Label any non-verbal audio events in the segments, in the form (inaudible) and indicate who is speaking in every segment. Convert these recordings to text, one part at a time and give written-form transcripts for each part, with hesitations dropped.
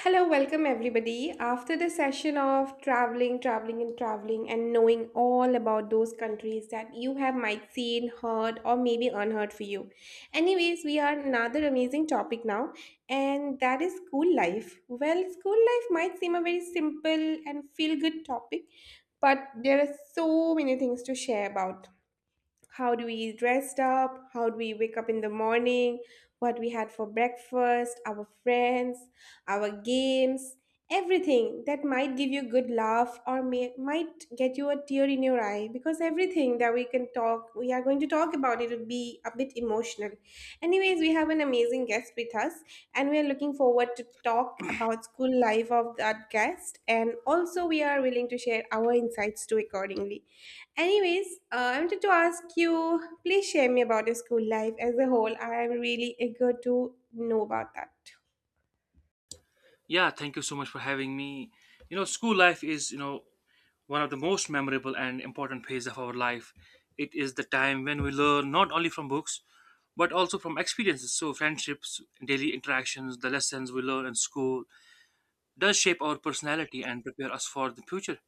Speaker 1: Hello, welcome everybody. After the session of traveling, traveling, and traveling, and knowing all about those countries that you have might seen, heard, or maybe unheard for you. Anyways, we are another amazing topic now, and that is school life. Well, school life might seem a very simple and feel good topic, but there are so many things to share about how do we dressed up, how do we wake up in the morning, what we had for breakfast, our friends, our games, everything that might give you good laugh, or might get you a tear in your eye, because everything that we can talk, we are going to talk about. It will be a bit emotional. Anyways, we have an amazing guest with us, and we are looking forward to talk about school life of that guest, and also we are willing to share our insights too accordingly. Anyways, I wanted to ask you, please share me about your school life as a whole. I am really eager to know about that.
Speaker 2: Yeah, thank you so much for having me. You know, school life is, you know, one of the most memorable and important phase of our life. It is the time when we learn not only from books, but also from experiences. So, friendships, daily interactions, the lessons we learn in school does shape our personality and prepare us for the future.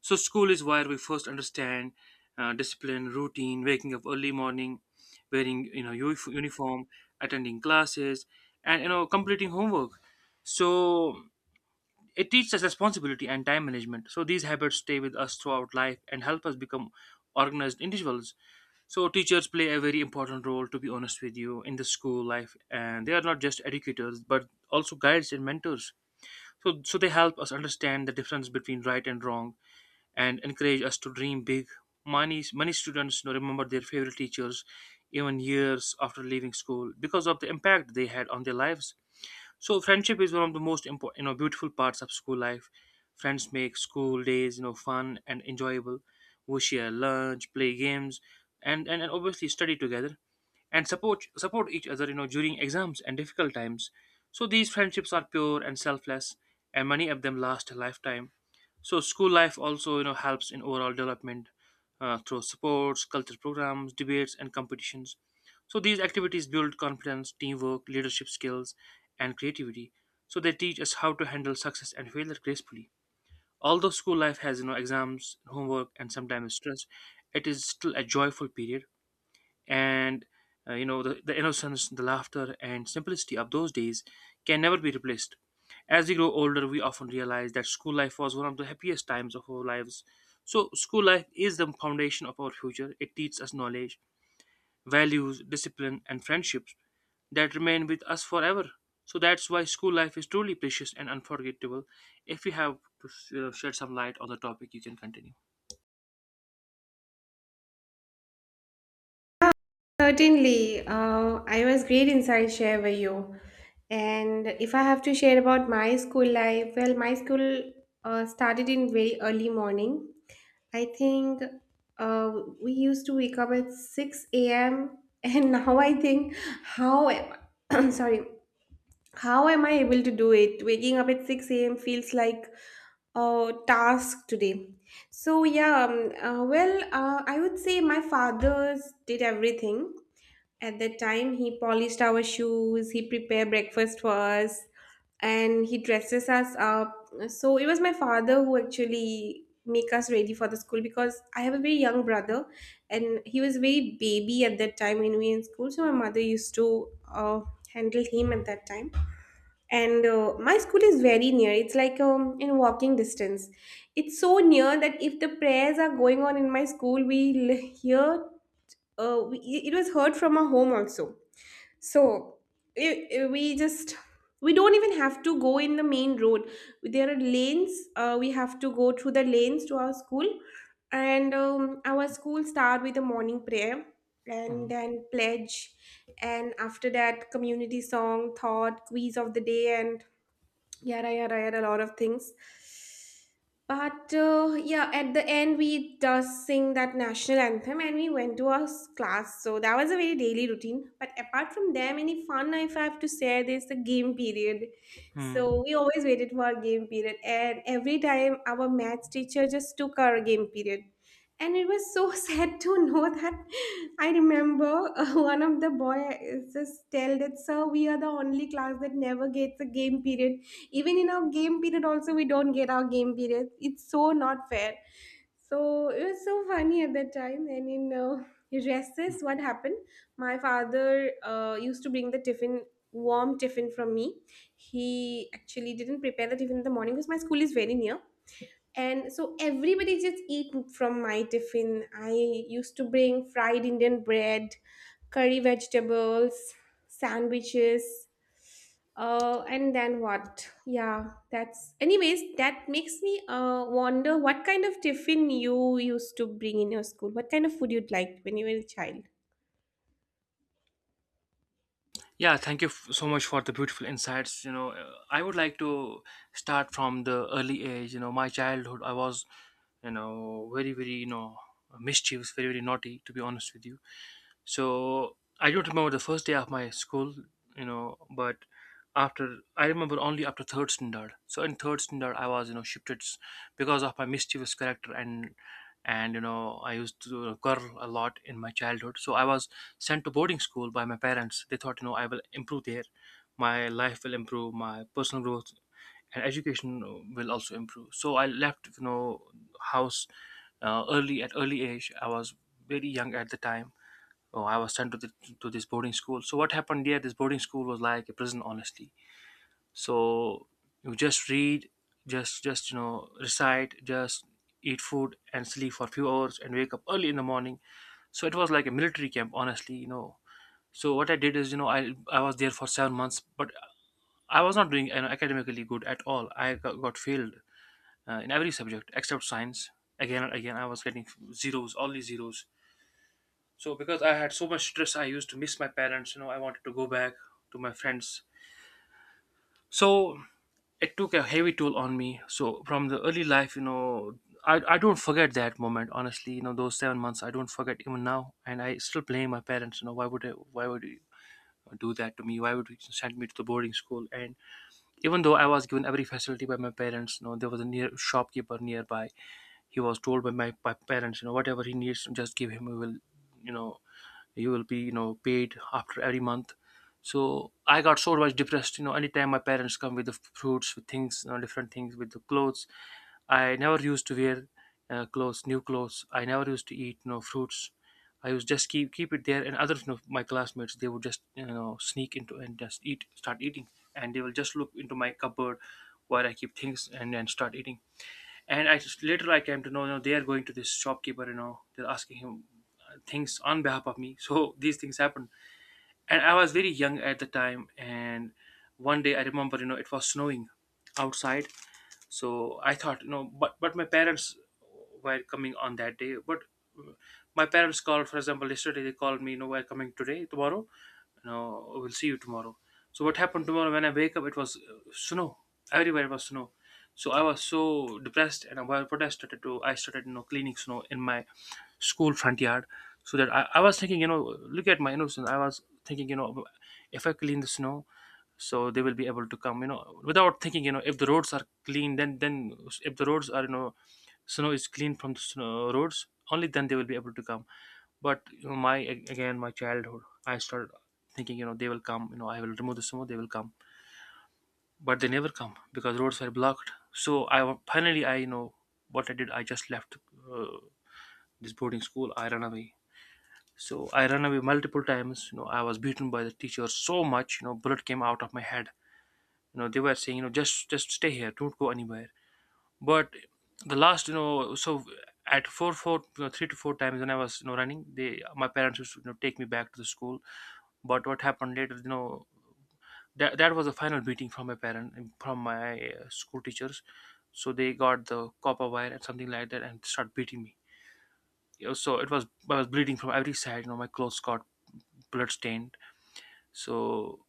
Speaker 2: So, school is where we first understand discipline, routine, waking up early morning, wearing you know uniform, attending classes, and you know completing homework. So it teaches us responsibility and time management. So these habits stay with us throughout life and help us become organized individuals. So teachers play a very important role, to be honest with you, in the school life, and they are not just educators but also guides and mentors. So they help us understand the difference between right and wrong, and encourage us to dream big. Many students, you know, remember their favorite teachers even years after leaving school because of the impact they had on their lives. So friendship is one of the most important, you know, beautiful parts of school life. Friends make school days, you know, fun and enjoyable. We share lunch, play games, and obviously study together and support each other, you know, during exams and difficult times. So these friendships are pure and selfless, and many of them last a lifetime. So school life also, you know, helps in overall development through sports, cultural programs, debates, and competitions. So these activities build confidence, teamwork, leadership skills, and creativity. So they teach us how to handle success and failure gracefully. Although school life has, you know, exams, homework, and sometimes stress, it is still a joyful period. And you know the innocence, the laughter, and simplicity of those days can never be replaced. As we grow older, we often realize that school life was one of the happiest times of our lives. So school life is the foundation of our future. It teaches us knowledge, values, discipline, and friendships that remain with us forever. So that's why school life is truly precious and unforgettable. If you have to, you know, shed some light on the topic, you can continue.
Speaker 1: Certainly, I was great inside share with you. And if I have to share about my school life, well, my school started in very early morning. I think uh, we used to wake up at 6 a.m. And (laughs) now I think, how am (clears throat) sorry, how am I able to do it? Waking up at 6 a.m. feels like a task today. So yeah, well, I would say my fathers did everything at that time. He polished our shoes, he prepared breakfast for us, and he dresses us up. So it was my father who actually make us ready for the school because I have a very young brother, and he was very baby at that time when we were in school. So my mother used to handle him at that time. And my school is very near. It's like in walking distance. It's so near that if the prayers are going on in my school, we will hear. It was heard from our home also, so i- i- we just we don't even have to go in the main road. There are lanes. We have to go through the lanes to our school, and our school start with a morning prayer and
Speaker 2: Mhm.
Speaker 1: then pledge, and after that community song, thought, quiz of the day, and yada yada yada, a lot of things. But yeah, at the end we just sing that national anthem and we went to our s- class. So that was a very daily routine, but apart from them, any fun, if I have to say, there's the game period.
Speaker 2: Hmm.
Speaker 1: So we always waited for our game period, and every time our maths teacher just took our game period, and it was so (laughs) sad to know that. I remember one of the boy just tell that, sir, we are the only class that never gets a game period. Even in our game period also, we don't get our game period. It's so not fair. So it was so funny at that time. And in (laughs) recess, what happened, my father used to bring the tiffin, warm tiffin from me. He actually didn't prepare the tiffin in the morning because my school is very near, and so everybody just eat from my tiffin. I used to bring fried indian bread, curry vegetables, sandwiches, and then what? Yeah, that's, anyways, that makes me wonder what kind of tiffin you used to bring in your school, what kind of food you'd like when you were a child.
Speaker 2: Yeah, thank you so much for the beautiful insights. You know, I would like to start from the early age. You know, my childhood, I was, you know, you know, mischievous, very, very naughty, to be honest with you. So I don't remember the first day of my school, you know, but after I remember only after third standard. So in third standard, I was, you know, because of my mischievous character and you know I used to curl a lot in my childhood. So I was sent to boarding school by my parents. They thought, you know, I will improve there. My life will improve, my personal growth and education will also improve. So I left, you know, house early at early age. I was very young at the time. Oh, I was sent to to this boarding school. So what happened there? This boarding school was like a prison, honestly. So you just read, just you know recite, just eat food and sleep for a few hours and wake up early in the morning. So it was like a military camp, honestly. You know, so what I did is, you know, I was there for 7 months, but I was not doing, you know, academically good at all. I got failed in every subject except science. Again and again, I was getting zeros, only zeros. So because I had so much stress, I used to miss my parents. You know, I wanted to go back to my friends. So it took a heavy toll on me. So from the early life, you know, I don't forget that moment, honestly. You know, those 7 months, I don't forget even now, and I still blame my parents. You know, why would you do that to me? Why would you send me to the boarding school? And even though I was given every facility by my parents, you know, there was a near shopkeeper nearby. He was told by my parents, you know, whatever he needs just give him. We will, you know, you will be, you know, paid after every month. So I got so much depressed. You know, anytime my parents come with the fruits, with things, you know, different things, with the clothes, I never used to wear clothes new clothes. I never used to eat, you know, fruits. I used just keep it there, and others, you know, my classmates, they would just, you know, sneak into and just eat start eating, and they will just look into my cupboard where I keep things and then start eating. And I just later I came to know, you know, they are going to this shopkeeper, you know, they're asking him things on behalf of me. (laughs) So these things happened, and I was very young at the time. And one day I remember, you know, it was snowing outside, so I thought, you know, but my parents were coming on that day. But uh, my parents called, for example yesterday they called me, you know, we're coming today tomorrow, you know, we'll see you tomorrow. So what happened tomorrow when I wake up, it was snow everywhere. It was snow. So I was so depressed, and I- was- what I started to I started, you know, cleaning snow in my school front yard so that I was thinking, you know, look at my innocence. I was thinking, you know, if I clean the snow, so they will be able to come, you know, without thinking, you know, if the roads are clean, then if the roads are, you know, snow is clean from the snow roads, only then they will be able to come. But, you know, my, again, my childhood, I started thinking, you know, they will come, you know, I will remove the snow, they will come, but they never come because roads were blocked. So finally I, you know, what I did, I just left uh, this boarding school. I ran away. So I ran away multiple times. You know, I was beaten by the teacher so much. You know, bullet came out of my head. You know, they were saying, you know, just stay here, don't go anywhere. But the last, you know, so at you know, three to four times when I was, you know, running, they, my parents used to, you know, take me back to the school. But what happened later, you know, that that was the final beating from from my school teachers. So they got the copper wire and something like that and start beating me. You know, so it was, I was bleeding from every side. You know, my clothes got blood stained. So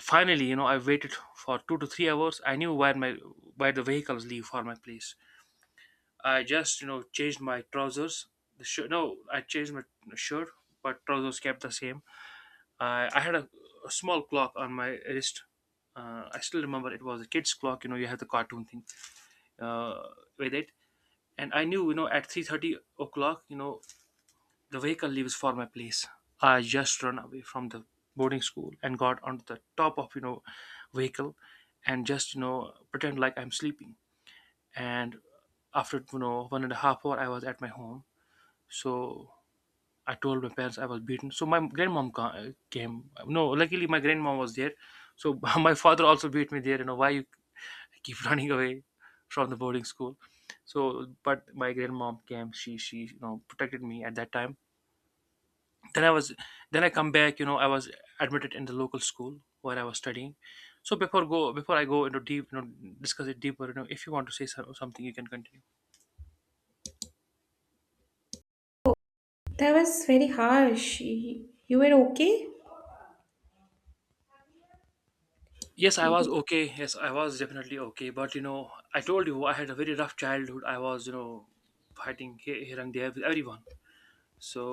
Speaker 2: finally, you know, I waited for 2 to 3 hours. I knew where my where the vehicles leave for my place. I just, you know, changed my trousers. The shirt, no, I changed my shirt, but trousers kept the same. I had a small clock on my wrist. I still remember it was a kid's clock. You know, you have the cartoon thing uh, with it, and I knew, you know, at 3:30, you know, the vehicle leaves for my place. I just run away from the boarding school and got onto the top of, you know, vehicle, and just, you know, pretend like I'm sleeping. And after, you know, one and a half hour, I was at my home. So I told my parents I was beaten. So my grandmom came. No, luckily my grandmom was there. So (laughs) my father also beat me there. You know why you keep (laughs) running away from the boarding school? So but my grandmom came. She you know protected me at that time. Then I was, then I come back, you know, I was admitted in the local school where I was studying. So before I go into deep, you know, discuss it deeper, you know, if you want to say something, you can continue.
Speaker 1: That was very harsh. You were okay?
Speaker 2: Yes, I was okay. Yes, I was definitely okay, but, you know, I told you I had a very rough childhood. I was, you know, fighting here and there with everyone. So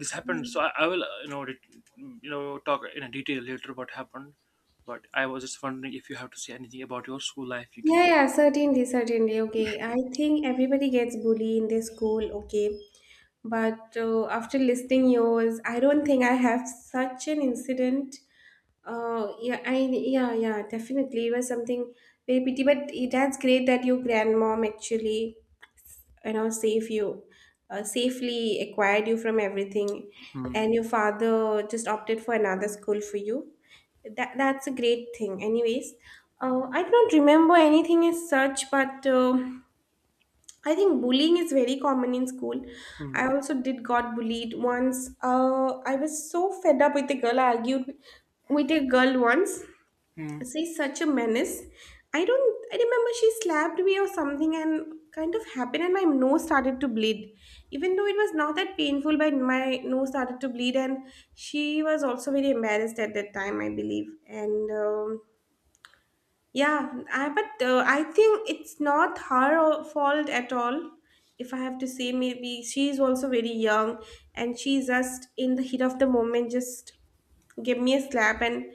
Speaker 2: this happened, so I will you know you know talk in a detail later what happened. But I was just wondering if you have to say anything about your school life, you can
Speaker 1: Yeah,
Speaker 2: just
Speaker 1: yeah, certainly, certainly. Okay, I think everybody gets bullied in their school. Okay, but after listening yours, I don't think I have such an incident. Yeah, I yeah, yeah, definitely it was something very pity. But that's great that your grandmom actually save you, safely acquired you from everything,
Speaker 2: Hmm.
Speaker 1: and your father just opted for another school for you, that's a great thing. Anyways, I do not remember anything as such, but I think bullying is very common in school. I
Speaker 2: Hmm.
Speaker 1: also did got bullied once. I was so fed up with a girl. I argued with a girl once. She's such a menace. I don't. I remember she slapped me or something, and kind of happened, and my nose started to bleed. Even though it was not that painful, but my nose started to bleed, and she was also very embarrassed at that time, I believe. And yeah, but I think it's not her fault at all. If I have to say, maybe she's also very young, and she's just in the heat of the moment, just give me a slap, and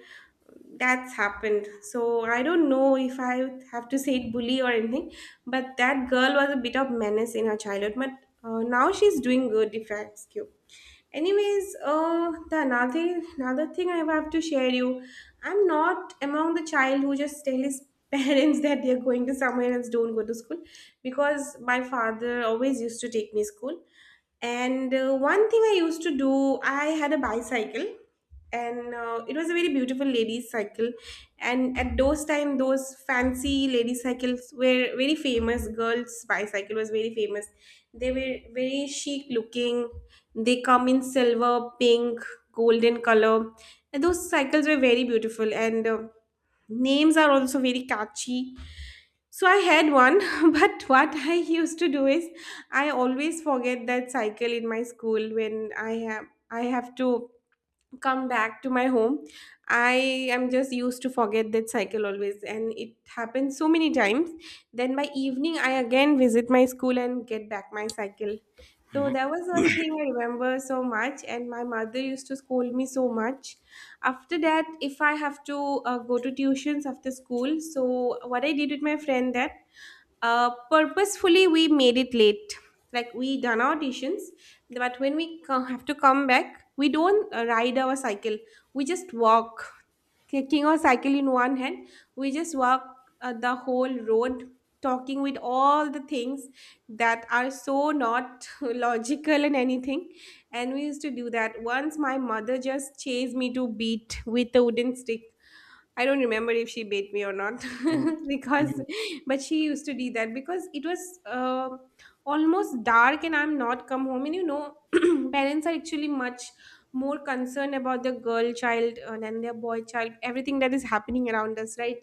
Speaker 1: that's happened. So I don't know if I have to say it bully or anything, but that girl was a bit of menace in her childhood. But now she's doing good, if I ask you. Anyways, the another thing I have to share you, I'm not among the child who just tell his (laughs) parents that they're going to somewhere else, don't go to school, because my father always used to take me school. And one thing I used to do, I had a bicycle, and it was a very beautiful ladies' cycle. And at those time, those fancy lady cycles were very famous. Girls' bicycle was very famous. They were very chic looking. They come in silver, pink, golden color. And those cycles were very beautiful, and names are also very catchy. So I had one, (laughs) but what I used to do is, I always forget that cycle in my school, when I have to come back to my home. I am just used to forget that cycle always, and it happens so many times. Then by evening I again visit my school and get back my cycle. So
Speaker 2: Hmm.
Speaker 1: that was one thing I remember so much, and my mother used to scold me so much. After that, if I have to go to tuitions after school, so what I did with my friend that, purposefully we made it late, like we done our auditions, but when we have to come back, we don't ride our cycle, we just walk, taking our cycle in one hand, we just walk the whole road, talking with all the things that are so not (laughs) logical and anything. And we used to do that once, my mother just chased me to beat with a wooden stick. I don't remember if she beat me or not, (laughs)
Speaker 2: Mhm.
Speaker 1: because,
Speaker 2: Mhm.
Speaker 1: but she used to do that because it was uh, almost dark and I'm not come home. And (clears throat) parents are actually much more concerned about their girl child than their boy child, everything that is happening around us, right?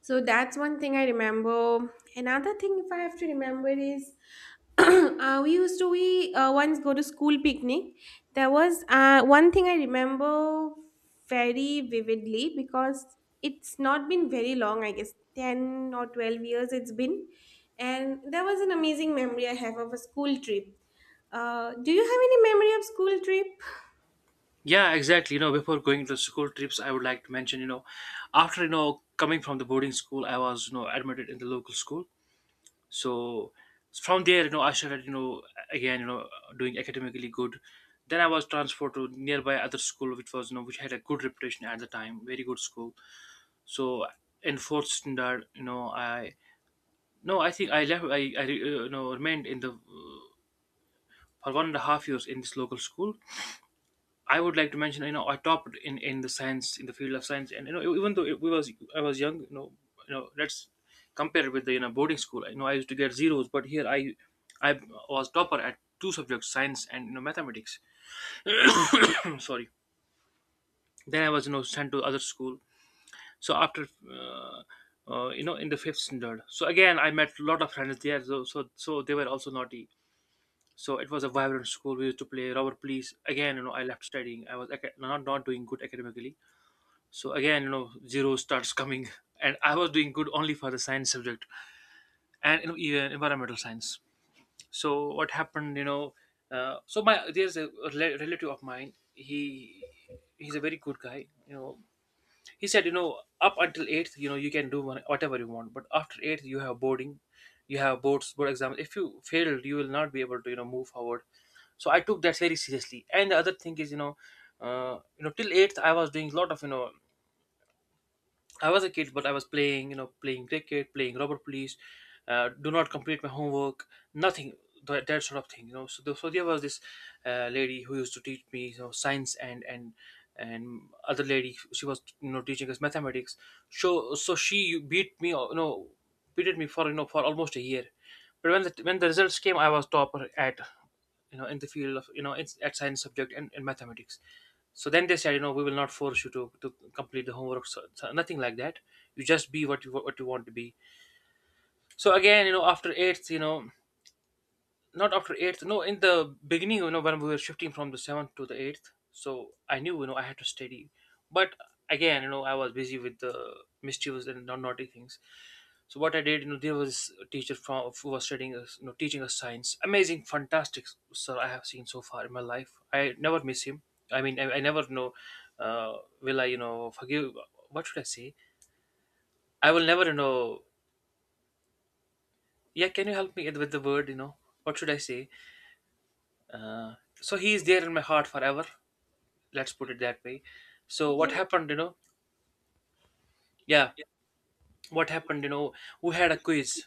Speaker 1: So that's one thing I remember. Another thing, if I have to remember, is (coughs) (clears throat) we once go to school picnic. There was one thing I remember very vividly because it's not been very long, I guess 10 or 12 years it's been. And there was an amazing memory I have of a school trip. Do you have any memory of school trip?
Speaker 2: Yeah, exactly. Before going to school trips, I would like to mention, after, coming from the boarding school, I was, admitted in the local school. So from there, I started, again, doing academically good. Then I was transferred to nearby other school, which was, which had a good reputation at the time, very good school. So in fourth standard, I, no, I think I left, I remained in the, for 1.5 years in this local school. I would like to mention, I topped in the science in the field of science, and even though it we was I was young, let's compare it with the boarding school. You know, I used to get zeros, but here I was topper at two subjects, science and mathematics. (coughs) Sorry. Then I was sent to other school. So after uh, in the fifth standard, so again I met a lot of friends there. So they were also naughty. So it was a vibrant school. We used to play rubber police. Again, you know, I left studying. I was not doing good academically, so again, you know, zero starts coming, (laughs) and I was doing good only for the science subject, and you know, even environmental science. So what happened, you know? So my there's a relative of mine. He he's a very good guy, you know. He said, you know, up until 8th, you know, you can do whatever you want, but after 8th you have board exams. If you failed, you will not be able to, you know, move forward. So I took that very seriously, and the other thing is, you know, you know, till 8th I was doing a lot of, you know, I was a kid, but I was playing, you know, playing cricket, playing rubber police, do not complete my homework, nothing, that sort of thing, you know. So, so there was this lady who used to teach me, you know, science and other lady, she was, you know, teaching us mathematics. So, so she beat me, you know, beated me for, you know, for almost a year. But when the results came, I was topper at, you know, in the field of, you know, it's at science subject, and mathematics. So then they said, you know, we will not force you to complete the homework, so, so nothing like that. You just be what you want to be. So again, you know, after eighth, you know, not after eighth. No, in the beginning, you know, when we were shifting from the seventh to the eighth, so I knew, you know, I had to study. But again, you know, I was busy with the mischievous and naughty things. So what I did, you know, there was a teacher from who was studying us, you know, teaching us science. Amazing, fantastic, sir. I have seen so far in my life. I never miss him. I mean, I never know. Uh, will I, you know, forgive? What should I say? I will never, you know. Yeah, can you help me with the word? You know, what should I say? So he is there in my heart forever. Let's put it that way. So
Speaker 1: Okay.
Speaker 2: what happened, you know? Yeah, what happened, you know? We had a quiz.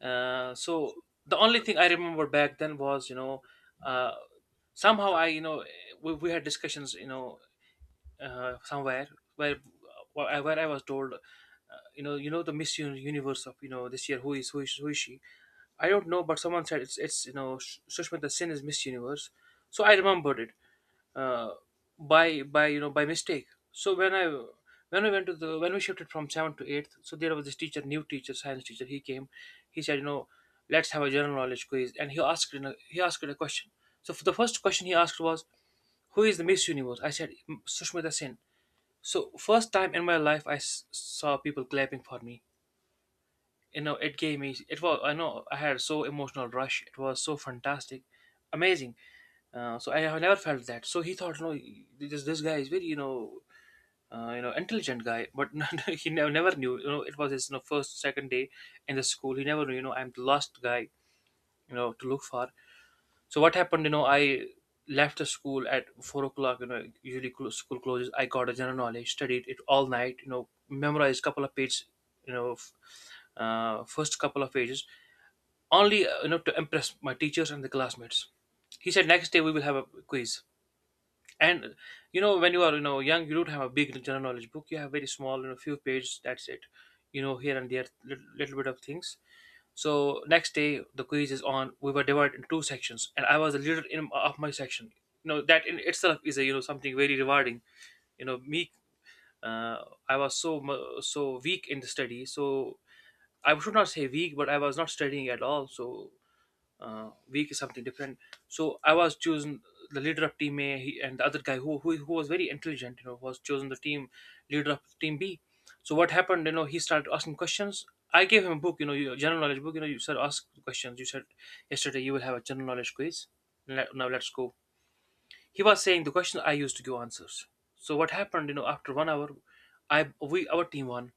Speaker 2: So the only thing I remember back then was, you know, uh, somehow I, you know, we had discussions, you know, somewhere where where I was told, you know, the Miss Universe of, you know, this year, who is who is she? I don't know, but someone said it's you know, Sushmita Sen is Miss Universe. So I remembered it, uh, by you know, by mistake. So when I when we went to the when we shifted from seventh to eighth, so there was this teacher, new teacher, science teacher. He came, he said, you know, let's have a general knowledge quiz, and he asked a question. So for the first question he asked was, who is the Miss Universe? I said Sushmita Sen." So first time in my life I saw people clapping for me. You know, it gave me, it was, I know I had so emotional rush. It was so fantastic, amazing. So I have never felt that. So he thought, no, this guy is very, you know, you know, intelligent guy, but (laughs) no, no, he never knew. You know, it was his, you know, first second day in the school. He never knew. You know, I'm the last guy, you know, to look for. So what happened? You know, I left the school at 4 o'clock. You know, usually school closes. I got a general knowledge, studied it all night. You know, memorized couple of pages. You know, first couple of pages only, you know, to impress my teachers and the classmates. He said next day we will have a quiz, and you know, when you are, you know, young, you don't have a big general knowledge book. You have very small, you know, few pages, that's it. You know, here and there, little bit of things. So next day the quiz is on. We were divided in two sections, and I was the leader in of my section. You know, that in itself is a, you know, something very rewarding. You know, me, uh, I was so so weak in the study. So I should not say weak, but I was not studying at all. So, week is something different. So I was chosen the leader of team A, and the other guy, who was very intelligent, you know, was chosen the team leader of team B. So what happened? You know, he started asking questions. I gave him a book, you know, your general knowledge book. You know, you said ask questions. You said yesterday you will have a general knowledge quiz. Now let's go. He was saying the questions. I used to give answers. So what happened? You know, after 1 hour, I we our team won.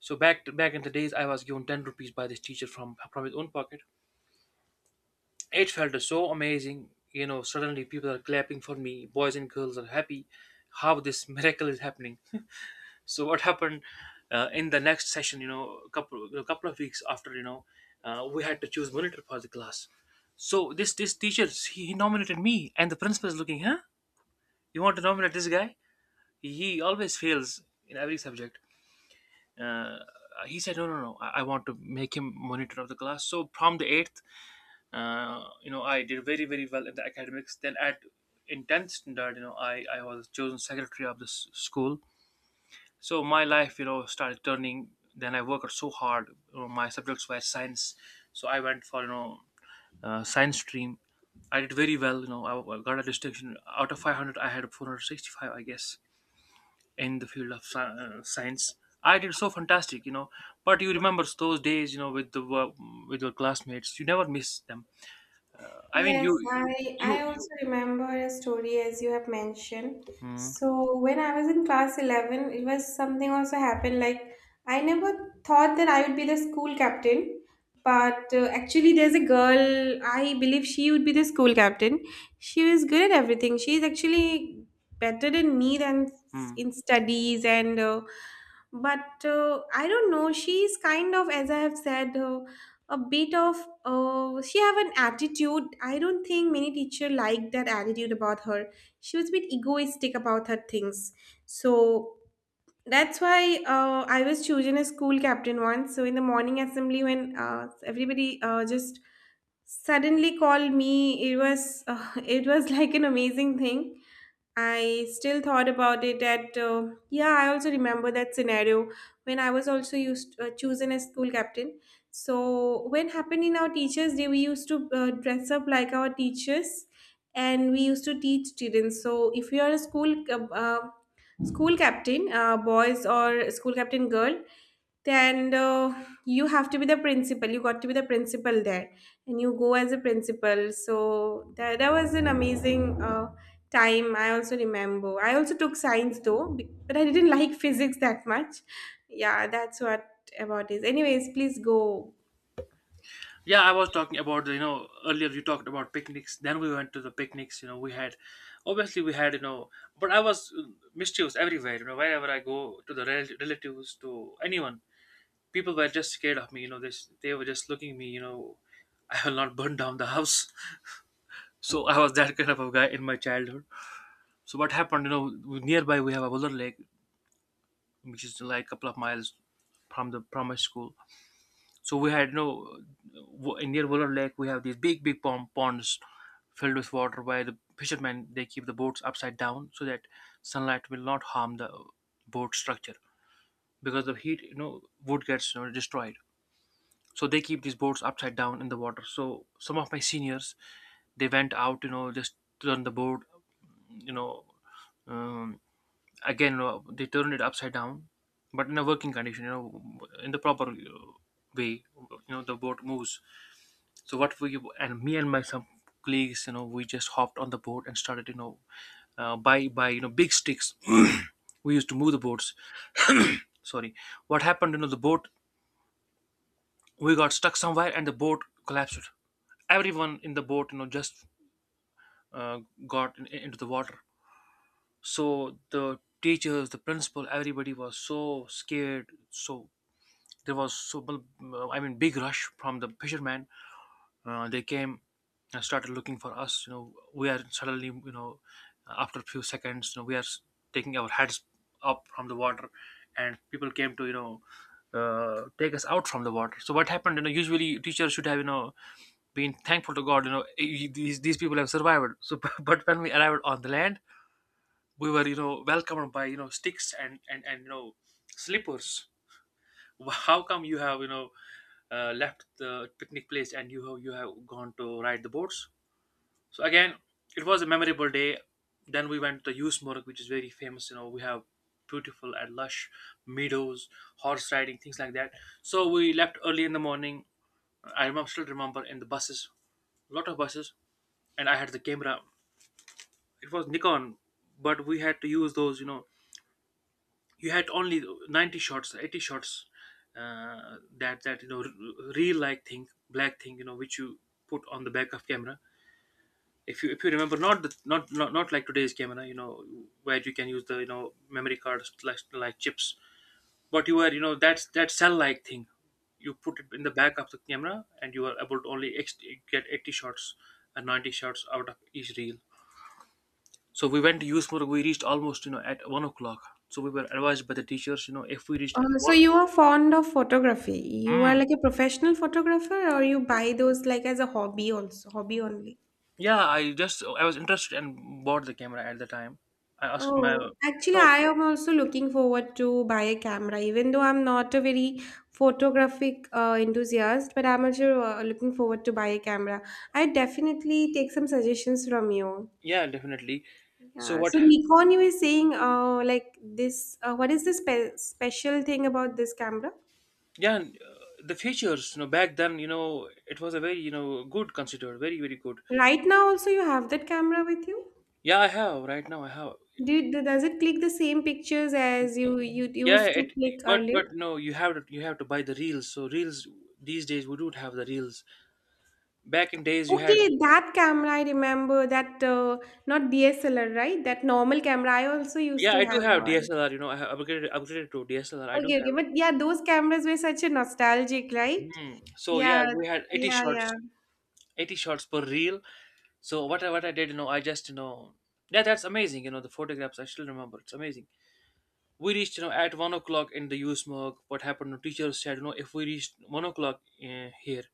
Speaker 2: So back in the days, I was given ten rupees by this teacher from his own pocket. It felt so amazing. You know, suddenly people are clapping for me. Boys and girls are happy. How this (laughs) miracle is happening? So what happened, in the next session? You know, a couple of weeks after, you know, we had to choose monitor for the class. So this teacher, he nominated me, and the principal is looking. Huh? You want to nominate this guy? He always fails in every subject. Uh, he said, no, no, no. I want to make him monitor of the class. So from the eighth, you know, I did very well in the academics. Then at in 10th standard, you know, I was chosen secretary of this school. So my life, you know, started turning. Then I worked so hard, you know. My subjects were science, so I went for, you know, science stream. I did very well, you know. I got a distinction out of 500. I had 465, I guess, in the field of science. I did so fantastic, you know. But you remember those days, you know, with the with your classmates. You never miss them. I mean,
Speaker 1: Yes,
Speaker 2: you
Speaker 1: I
Speaker 2: you
Speaker 1: I also remember a story as you have mentioned.
Speaker 2: Mm,
Speaker 1: So when I was in class 11, it was something also happened like, I never thought that I would be the school captain, but actually there's a girl, I believe she would be the school captain. She was good at everything. She's actually better than me than
Speaker 2: mm.
Speaker 1: in studies, and but I don't know, she's kind of, as I have said, a bit of, she have an attitude. I don't think many teacher like that attitude about her. She was a bit egoistic about her things, so that's why I was chosen as school captain once. So in the morning assembly, when everybody just suddenly called me, it was (laughs) it was like an amazing thing. I still thought about it at, yeah, I also remember that scenario when I was also used chosen as school captain. So when happened in our teachers' day, we used to dress up like our teachers, and we used to teach students. So if you are a school captain, boys or school captain girl, and you have to be the principal, you got to be the principal there, and you go as a principal. So that was an amazing time. I also remember, I also took science, though but I didn't (laughs) like physics that much. Yeah, that's what about is, anyways, please go.
Speaker 2: Yeah, I was talking about the, you know, earlier you talked about picnics. Then we went to the picnics. You know, we had, obviously we had, you know, but I was, mischievous everywhere. You know, wherever I go, to the relatives, to anyone, people were just scared of me. You know, this, they were just looking at me. You know, (laughs) I will not burn down the house. (laughs) So I was that kind of a guy in my childhood. So what happened? You know, nearby we have a Buller Lake, which is like a couple of miles from the from my school. So we had no, in near Wooler Lake, we have these big ponds filled with water, where the fishermen they keep the boats upside down, so that sunlight will not harm the boat structure, because the heat, you know, wood gets, you know, destroyed. So they keep these boats upside down in the water. So some of my seniors they went out, just turned the boat, you know um, again, they turned it upside down, but in a working condition, in the proper way. You know, the boat moves. So what we— and me and my some colleagues, we just hopped on the boat and started, by big sticks. (clears throat) We used to move the boats. (clears throat) Sorry, what happened? The boat, we got stuck somewhere and the boat collapsed. Everyone in the boat, just uh, got into the water. So the teachers, the principal, everybody was so scared. So there was so— I mean, big rush from the fisherman. They came and started looking for us. You know we are suddenly, after a few seconds, we are taking our heads up from the water, and people came to, take us out from the water. So what happened? You know usually teachers should have, been thankful to god, "Eh, these people have survived." So (laughs) but when we arrived on the land, we were, welcomed by, sticks and slippers. How come you have, left the picnic place, and you have gone to ride the boats? So again, it was a memorable day. Then we went to Usemarg, which is very famous. We have beautiful and lush meadows, horse riding, things like that. So we left early in the morning. I remember, still remember, in the buses, lot of buses, and I had the camera. It was Nikon, but we had to use those, you had only 90 shots, 80 shots, that, real like thing, black thing, which you put on the back of camera. If you if you remember, not, not like today's camera, where you can use the, memory cards, like chips, but you were, that's that cell like thing. You put it in the back of the camera and you are able to only get 80 shots and 90 shots out of each reel. So we went to use more, we reached almost, at 1 o'clock. So we were advised by the teachers, if we reached
Speaker 1: So
Speaker 2: one—
Speaker 1: you are fond of photography, you are
Speaker 2: Mm.
Speaker 1: like a professional photographer, or you buy those like as a hobby? Also hobby only.
Speaker 2: Yeah, I was interested and bought the camera at the time. I asked my—
Speaker 1: Oh, actually,
Speaker 2: So
Speaker 1: I am also looking forward to buy a camera, even though I'm not a very photographic enthusiast, but I'm also looking forward to buy a camera. I definitely take some suggestions from you.
Speaker 2: yeah, definitely. So
Speaker 1: Yeah,
Speaker 2: what?
Speaker 1: so Nikon, you were saying, like this, what is the special thing about this camera?
Speaker 2: Yeah, and, the features. You know, back then, it was a very, good, considered, very, very good.
Speaker 1: Right now, also you have that camera with you?
Speaker 2: Yeah, I have, right now. I have.
Speaker 1: Does it click the same pictures as you
Speaker 2: Yeah,
Speaker 1: used to
Speaker 2: it.
Speaker 1: click earlier?
Speaker 2: But no, you have to buy the reels. So reels, these days we don't have the reels. Back in days, you had.
Speaker 1: Okay, that camera I remember that not DSLR, right? That normal camera. I also used
Speaker 2: Yeah,
Speaker 1: to
Speaker 2: I do
Speaker 1: have
Speaker 2: have
Speaker 1: one.
Speaker 2: DSLR. You know, I have upgraded to DSLR. I do
Speaker 1: Okay, okay,
Speaker 2: have.
Speaker 1: but yeah, those cameras were such a nostalgic, right?
Speaker 2: Hmm. So yeah,
Speaker 1: Yeah,
Speaker 2: we had 80
Speaker 1: yeah, yeah.
Speaker 2: shots, 80 shots per reel. So what I did, I just, yeah, that's amazing. You know, the photographs, I still remember. It's amazing. We reached, at 1 o'clock in the U.S. morgue. What happened? You teacher said, if we reached 1 o'clock, here,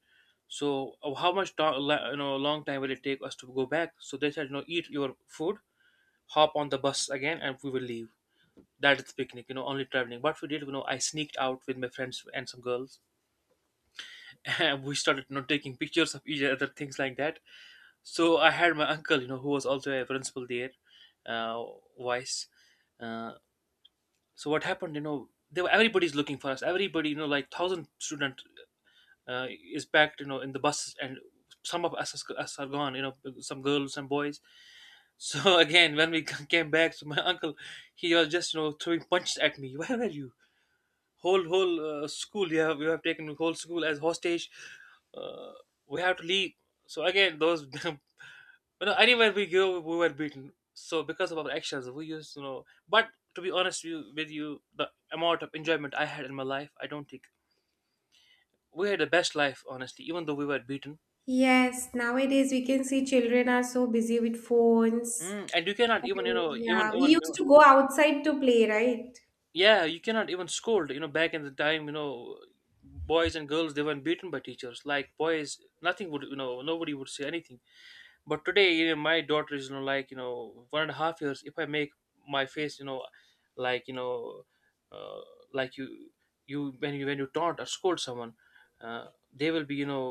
Speaker 2: so how much long time will it take us to go back? So they said, eat your food, hop on the bus again, and we will leave. That is picnic, only traveling. What we did, I sneaked out with my friends and some girls, (laughs) and we started, taking pictures of each other, things like that. So I had my uncle, who was also a principal there, uh, vice. Uh, so what happened? You know, everybody's looking for us. Everybody, like thousand student, uh, is packed, in the buses, and some of us are gone, some girls, some boys. So (laughs) again, when we (laughs) came back, so my uncle, he was just, throwing punches at me. Where were you? Whole, school, you have taken the whole school as hostage. Uh, we have to leave. So again, those— (laughs) you know, anywhere we go, we were beaten. So because of our actions, we used to know. But to be honest, with you, the amount of enjoyment I had in my life, I don't think— we had the best life, honestly, even though we were beaten.
Speaker 1: Yes, nowadays we can see children are so busy with phones.
Speaker 2: And you cannot
Speaker 1: And
Speaker 2: even, even,
Speaker 1: yeah, we used to go outside to play, right?
Speaker 2: yeah, you cannot even scold. You know, back in the time, boys and girls, they weren't beaten by teachers. Like boys, nothing would, nobody would say anything. But today, you know, my daughter is, like, 1.5 years. If I make my face, you know, like, uh, like you— when you taunt or scold someone, uh, they will be,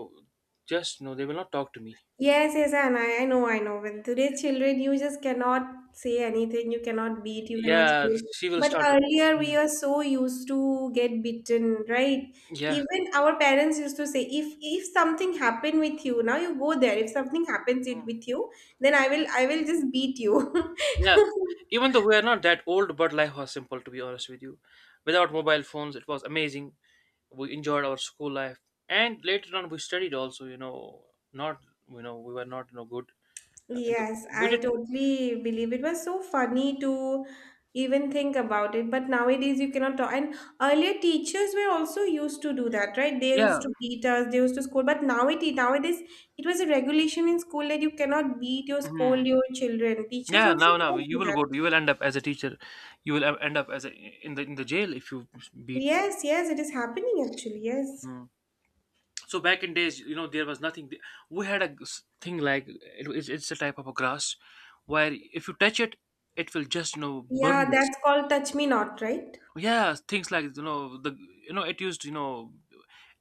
Speaker 2: just, they will not talk to me.
Speaker 1: Yes, yes, and I know, I know. With today's children, you just cannot say anything, you cannot beat, you cannot
Speaker 2: Yeah,
Speaker 1: scold.
Speaker 2: she will
Speaker 1: But
Speaker 2: start.
Speaker 1: earlier, we
Speaker 2: Mm.
Speaker 1: are so used to get beaten, right?
Speaker 2: Yeah.
Speaker 1: Even our parents used to say, if something happened with you, now you go there. If something happens it with you, then I will just beat you.
Speaker 2: Yeah,
Speaker 1: (laughs)
Speaker 2: even though we are not that old, but life was simple, to be honest with you. Without mobile phones, it was amazing. We enjoyed our school life, and later on we studied also. You know, not— you know, we were not, good. And the
Speaker 1: Yes,
Speaker 2: we
Speaker 1: I
Speaker 2: did.
Speaker 1: totally believe it was so funny to even think about it. But nowadays you cannot talk. And earlier teachers were also used to do that, right? They used
Speaker 2: Yeah.
Speaker 1: to beat us, they used to scold. But nowadays it was a regulation in school that you cannot beat or
Speaker 2: Hmm.
Speaker 1: scold your children. Teachers
Speaker 2: Yeah,
Speaker 1: also
Speaker 2: now
Speaker 1: cannot
Speaker 2: you
Speaker 1: do
Speaker 2: will
Speaker 1: that.
Speaker 2: you will end up as a teacher. You will end up as a in the jail if you beat.
Speaker 1: Yes, yes, it is happening actually. Yes.
Speaker 2: Mhm. So back in days, you know, there was nothing. We had a thing like— it's a type of a grass, where if you touch it, it will just, burn
Speaker 1: Yeah,
Speaker 2: this.
Speaker 1: that's called touch me not, right?
Speaker 2: Yeah, things like, the it used,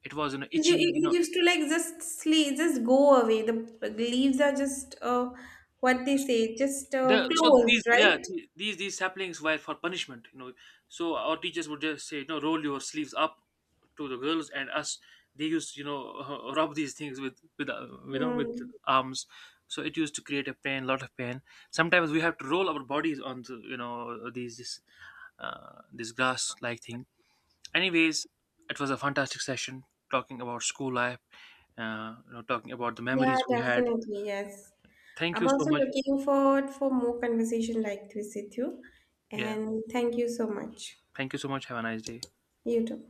Speaker 2: it was,
Speaker 1: Because You,
Speaker 2: itchy,
Speaker 1: you used to like just sleep, just go away. The leaves are just what they say, just
Speaker 2: the so these
Speaker 1: closed,
Speaker 2: yeah
Speaker 1: right?
Speaker 2: the- these saplings were for punishment. You know, so our teachers would just say, roll your sleeves up, to the girls and us. They used, (laughs) rub these things with with
Speaker 1: Hmm.
Speaker 2: arms. So it used to create a pain, lot of pain. Sometimes we have to roll our bodies on the, these this, this grass like thing. Anyways, it was a fantastic session, talking about school life, you know, talking about the
Speaker 1: Yeah,
Speaker 2: memories we had.
Speaker 1: definitely. Yes.
Speaker 2: Thank
Speaker 1: I'm
Speaker 2: you so
Speaker 1: also
Speaker 2: much.
Speaker 1: looking forward for more conversation like this with you.
Speaker 2: Yeah,
Speaker 1: And thank you so much.
Speaker 2: thank you so much, have a nice day.
Speaker 1: You too.